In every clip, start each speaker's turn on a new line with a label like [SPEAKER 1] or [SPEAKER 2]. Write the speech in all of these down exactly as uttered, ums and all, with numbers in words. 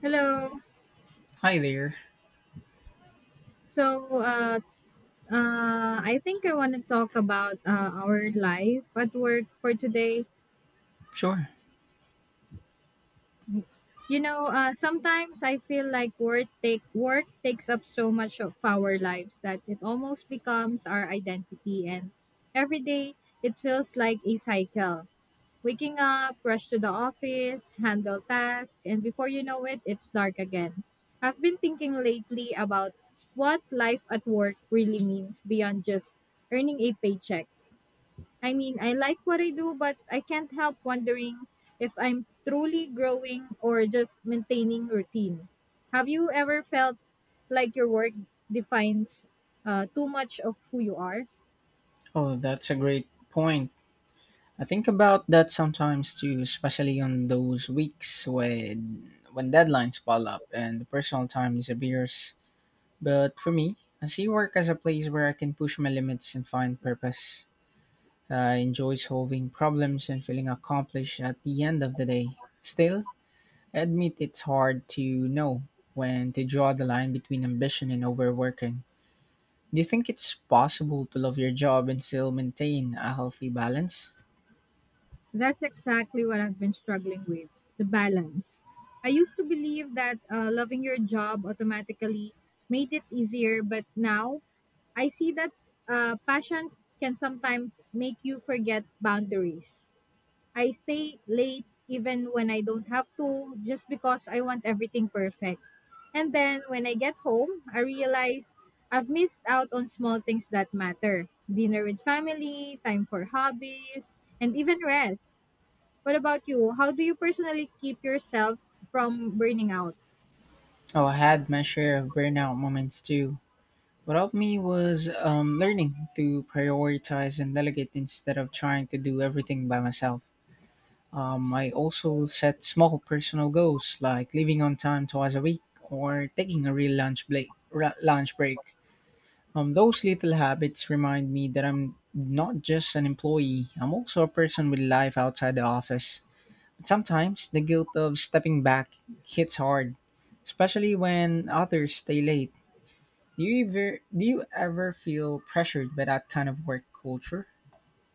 [SPEAKER 1] Hello.
[SPEAKER 2] Hi there.
[SPEAKER 1] So, uh, uh, I think I want to talk about uh, our life at work for today.
[SPEAKER 2] Sure.
[SPEAKER 1] You know, uh, sometimes I feel like work take work takes up so much of our lives that it almost becomes our identity, and every day it feels like a cycle. Waking up, rush to the office, handle tasks, and before you know it, it's dark again. I've been thinking lately about what life at work really means beyond just earning a paycheck. I mean, I like what I do, but I can't help wondering if I'm truly growing or just maintaining routine. Have you ever felt like your work defines uh, too much of who you are?
[SPEAKER 2] Oh, that's a great point. I think about that sometimes too, especially on those weeks when when deadlines pile up and the personal time disappears. But for me, I see work as a place where I can push my limits and find purpose. I enjoy solving problems and feeling accomplished at the end of the day. Still, I admit it's hard to know when to draw the line between ambition and overworking. Do you think it's possible to love your job and still maintain a healthy balance?
[SPEAKER 1] That's exactly what I've been struggling with the balance. I used to believe that uh, loving your job automatically made it easier, but now I see that uh, passion can sometimes make you forget boundaries. I stay late even when I don't have to, just because I want everything perfect. And then when I get home, I realize I've missed out on small things that matter dinner with family, time for hobbies, and even rest. What about you? How do you personally keep yourself from burning out?
[SPEAKER 2] Oh, I had my share of burnout moments too. What helped me was um, learning to prioritize and delegate instead of trying to do everything by myself. Um, I also set small personal goals like leaving on time twice a week or taking a real lunch break. Lunch break. Um, those little habits remind me that I'm not just an employee. I'm also a person with life outside the office. But sometimes the guilt of stepping back hits hard, especially when others stay late. Do you ever do you ever feel pressured by that kind of work culture?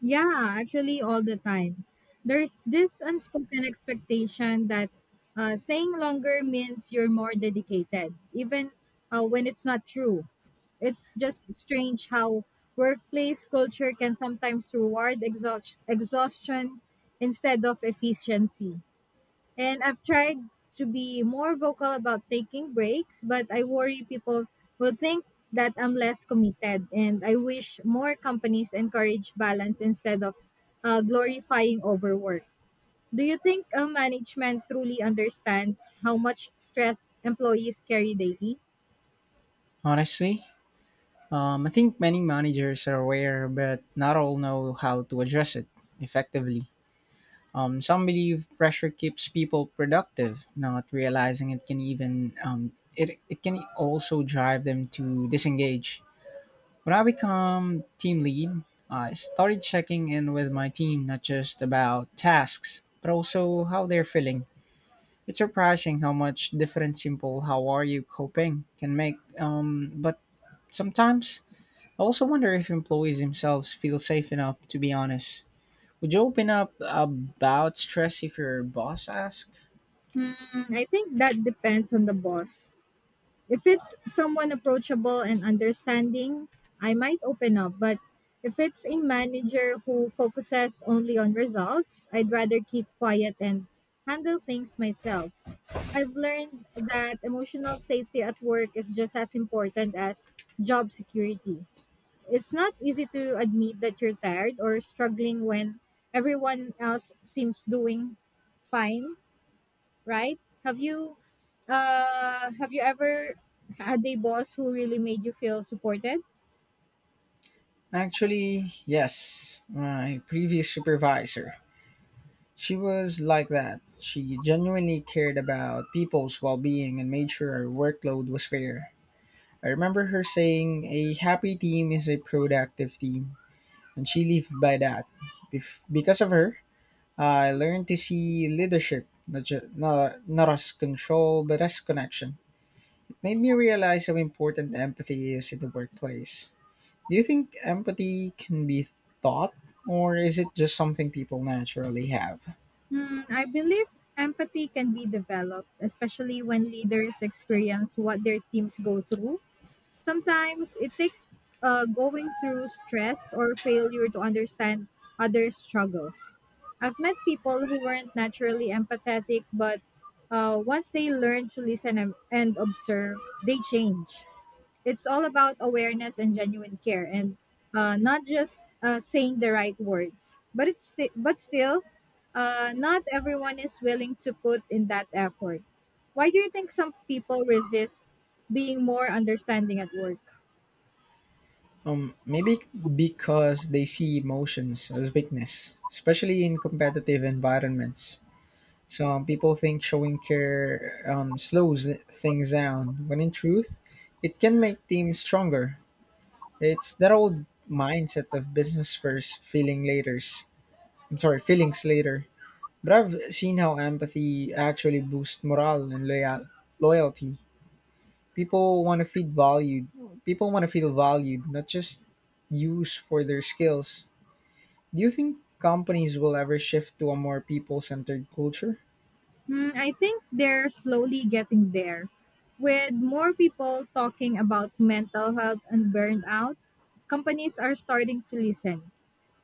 [SPEAKER 1] Yeah, actually, all the time. There's this unspoken expectation that uh, staying longer means you're more dedicated, even uh, when it's not true. It's just strange how workplace culture can sometimes reward exhaust- exhaustion instead of efficiency. And I've tried to be more vocal about taking breaks, but I worry people will think that I'm less committed. And I wish more companies encourage balance instead of uh, glorifying overwork. Do you think uh, management truly understands how much stress employees carry daily?
[SPEAKER 2] Honestly, um, I think many managers are aware, but not all know how to address it effectively. Um, some believe pressure keeps people productive, not realizing it can even um, it, it can also drive them to disengage. When I become team lead, I started checking in with my team not just about tasks, but also how they're feeling. It's surprising how much different simple "How are you coping?" can make. Um, but sometimes I also wonder if employees themselves feel safe enough to be honest. Would you open up about stress if your boss asks?
[SPEAKER 1] Hmm, I think that depends on the boss. If it's someone approachable and understanding, I might open up, but if it's a manager who focuses only on results, I'd rather keep quiet and handle things myself. I've learned that emotional safety at work is just as important as job security. It's not easy to admit that you're tired or struggling when everyone else seems doing fine, right? Have you uh have you ever had a boss who really made you feel supported?
[SPEAKER 2] Actually, yes. My previous supervisor, she was like that. She genuinely cared about people's well being and made sure our workload was fair. I remember her saying, "A happy team is a productive team," and she lived by that. Bef- because of her, I learned to see leadership, not, ju- not, not as control, but as connection. It made me realize how important empathy is in the workplace. Do you think empathy can be taught, or is it just something people naturally have?
[SPEAKER 1] Hmm, I believe empathy can be developed, especially when leaders experience what their teams go through. Sometimes it takes uh, going through stress or failure to understand others' struggles. I've met people who weren't naturally empathetic, but uh, once they learn to listen and and observe, they change. It's all about awareness and genuine care, and uh, not just uh, saying the right words. But it's sti- but still, uh, not everyone is willing to put in that effort. Why do you think some people resist being more understanding at work?
[SPEAKER 2] Um, maybe because they see emotions as weakness, especially in competitive environments. Some people think showing care um, slows things down, when in truth, it can make teams stronger. It's that old mindset of business first, feeling later. I'm sorry, feelings later. But I've seen how empathy actually boosts morale and loyal- loyalty. People want to feel valued. People want to feel valued, not just used for their skills. Do you think companies will ever shift to a more people centered culture?
[SPEAKER 1] Hmm, I think they're slowly getting there. With more people talking about mental health and burnout, companies are starting to listen.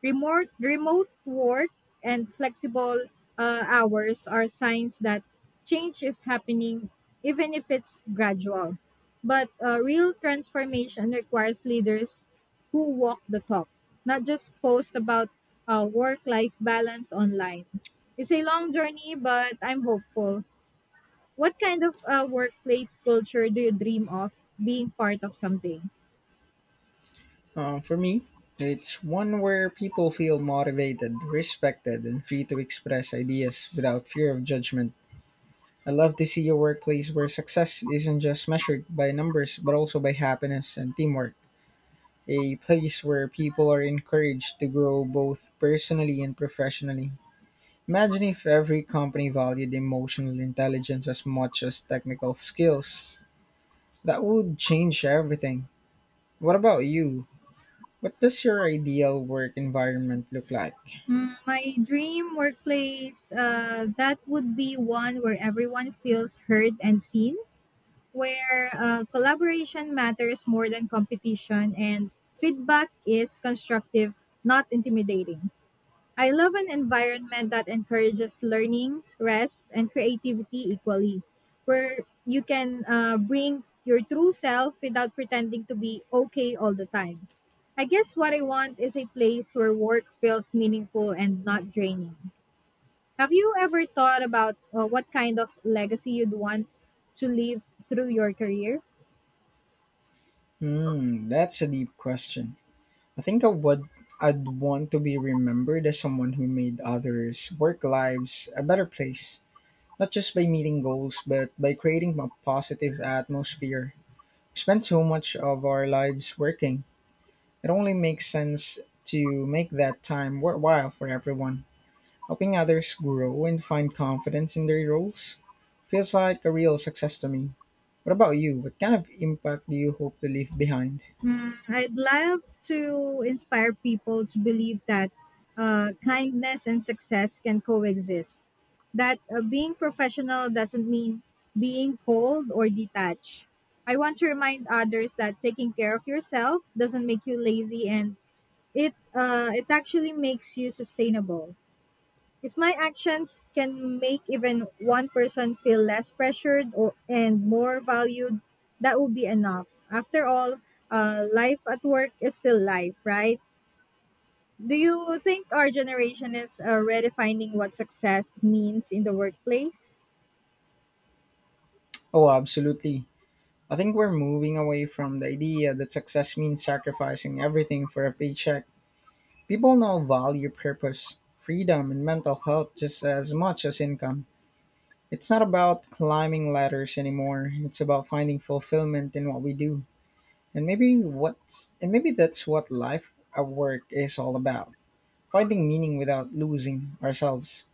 [SPEAKER 1] Remote remote work and flexible uh, hours are signs that change is happening, even if it's gradual. But uh, real transformation requires leaders who walk the talk, not just post about uh, work-life balance online. It's a long journey, but I'm hopeful. What kind of uh, workplace culture do you dream of being part of someday?
[SPEAKER 2] Um, for me, it's one where people feel motivated, respected, and free to express ideas without fear of judgment. I love to see a workplace where success isn't just measured by numbers but also by happiness and teamwork. A place where people are encouraged to grow both personally and professionally. Imagine if every company valued emotional intelligence as much as technical skills. That would change everything. What about you? What does your ideal work environment look like?
[SPEAKER 1] My dream workplace, uh, that would be one where everyone feels heard and seen, where uh, collaboration matters more than competition and feedback is constructive, not intimidating. I love an environment that encourages learning, rest, and creativity equally, where you can uh, bring your true self without pretending to be okay all the time. I guess what I want is a place where work feels meaningful and not draining. Have you ever thought about uh, what kind of legacy you'd want to leave through your career?
[SPEAKER 2] Hmm, that's a deep question. I think I would I'd want to be remembered as someone who made others' work lives a better place, not just by meeting goals, but by creating a positive atmosphere. We spend so much of our lives working. It only makes sense to make that time worthwhile for everyone. Helping others grow and find confidence in their roles feels like a real success to me. What about you? What kind of impact do you hope to leave behind?
[SPEAKER 1] Mm, I'd love to inspire people to believe that uh, kindness and success can coexist. That uh, being professional doesn't mean being cold or detached. I want to remind others that taking care of yourself doesn't make you lazy, and it uh, it actually makes you sustainable. If my actions can make even one person feel less pressured or, and more valued, that would be enough. After all, uh, life at work is still life, right? Do you think our generation is uh, redefining what success means in the workplace?
[SPEAKER 2] Oh, absolutely. I think we're moving away from the idea that success means sacrificing everything for a paycheck. People now value purpose, freedom, and mental health just as much as income. It's not about climbing ladders anymore. It's about finding fulfillment in what we do. And maybe what's and maybe that's what life at work is all about, finding meaning without losing ourselves.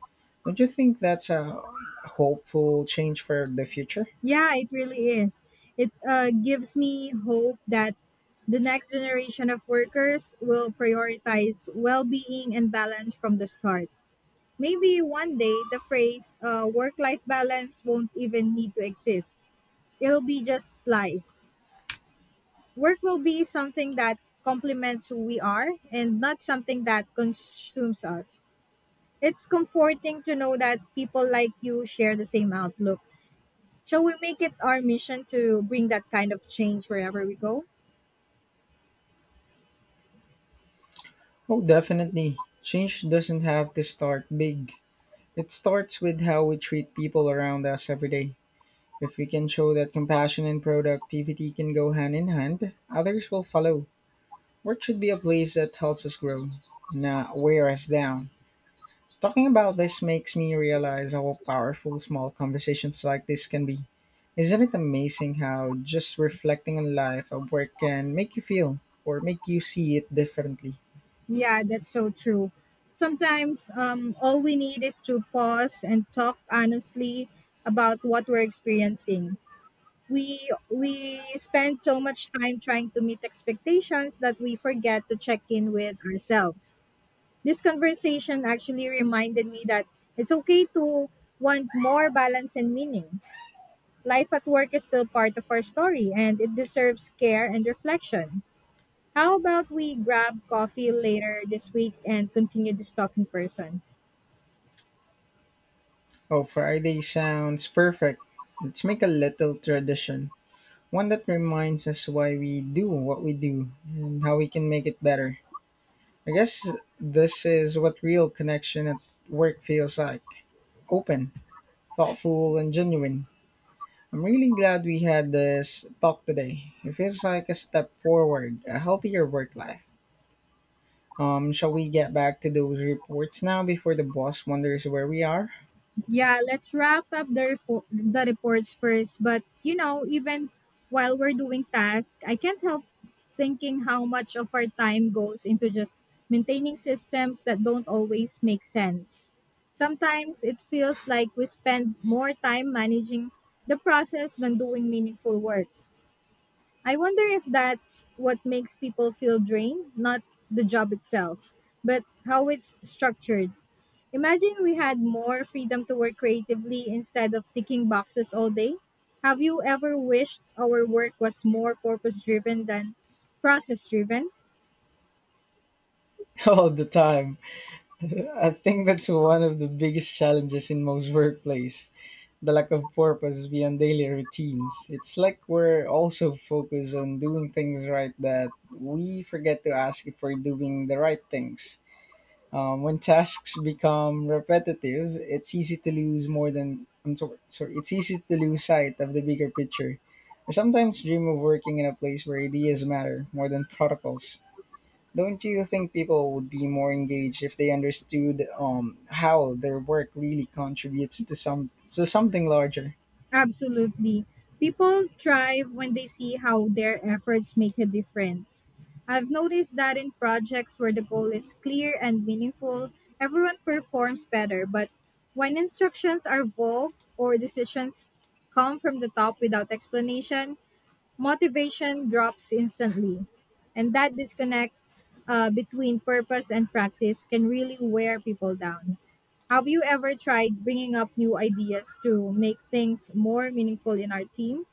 [SPEAKER 2] Don't you think that's a hopeful change for the future?
[SPEAKER 1] Yeah, it really is. It uh, gives me hope that the next generation of workers will prioritize well being and balance from the start. Maybe one day the phrase uh, work life balance won't even need to exist. It'll be just life. Work will be something that complements who we are and not something that consumes us. It's comforting to know that people like you share the same outlook. Shall we make it our mission to bring that kind of change wherever we go?
[SPEAKER 2] Oh, definitely. Change doesn't have to start big. It starts with how we treat people around us every day. If we can show that compassion and productivity can go hand in hand, others will follow. Work should be a place that helps us grow, not wear us down. Talking about this makes me realize how powerful small conversations like this can be. Isn't it amazing how just reflecting on life at work can make you feel, or make you see it differently?
[SPEAKER 1] Yeah, that's so true. Sometimes um, all we need is to pause and talk honestly about what we're experiencing. We we spend so much time trying to meet expectations that we forget to check in with ourselves. This conversation actually reminded me that it's okay to want more balance and meaning. Life at work is still part of our story, and it deserves care and reflection. How about we grab coffee later this week and continue this talk in person?
[SPEAKER 2] Oh, Friday sounds perfect. Let's make a little tradition, one that reminds us why we do what we do and how we can make it better. I guess this is what real connection at work feels like: open, thoughtful, and genuine. I'm really glad we had this talk today. It feels like a step forward, a healthier work life. Um, shall we get back to those reports now before the boss wonders where we are?
[SPEAKER 1] Yeah, let's wrap up the refor- the reports first. But you know, even while we're doing tasks, I can't help thinking how much of our time goes into just maintaining systems that don't always make sense. Sometimes it feels like we spend more time managing the process than doing meaningful work. I wonder if that's what makes people feel drained, not the job itself, but how it's structured. Imagine we had more freedom to work creatively instead of ticking boxes all day. Have you ever wished our work was more purpose driven than process driven?
[SPEAKER 2] All the time. I think that's one of the biggest challenges in most workplace: the lack of purpose beyond daily routines. It's like we're also focused on doing things right that we forget to ask if we're doing the right things. Um, when tasks become repetitive, it's easy to lose more than I'm sorry, sorry, it's easy to lose sight of the bigger picture. I sometimes dream of working in a place where ideas matter more than protocols. Don't you think people would be more engaged if they understood um, how their work really contributes to some to something larger?
[SPEAKER 1] Absolutely. People thrive when they see how their efforts make a difference. I've noticed that in projects where the goal is clear and meaningful, everyone performs better, but when instructions are vague or decisions come from the top without explanation, motivation drops instantly. And that disconnect uh, between purpose and practice can really wear people down. Have you ever tried bringing up new ideas to make things more meaningful in our team?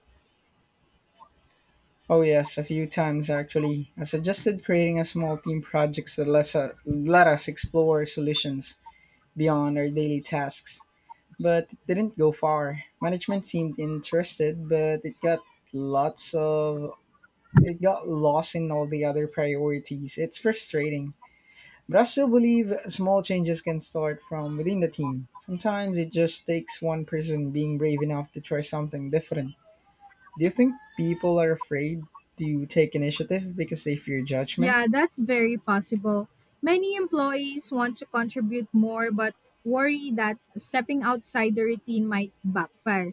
[SPEAKER 2] Oh yes, a few times actually. I suggested creating a small team projects that let us, let us explore solutions beyond our daily tasks. But it didn't go far. Management seemed interested, but it got lots of it got lost in all the other priorities. It's frustrating. But I still believe small changes can start from within the team. Sometimes it just takes one person being brave enough to try something different. Do you think people are afraid to take initiative because they fear judgment?
[SPEAKER 1] Yeah, that's very possible. Many employees want to contribute more, but worry that stepping outside the routine might backfire.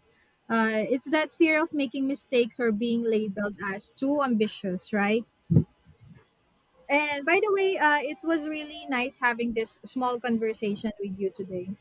[SPEAKER 1] Uh, it's that fear of making mistakes or being labeled as too ambitious, right? And by the way, uh, it was really nice having this small conversation with you today.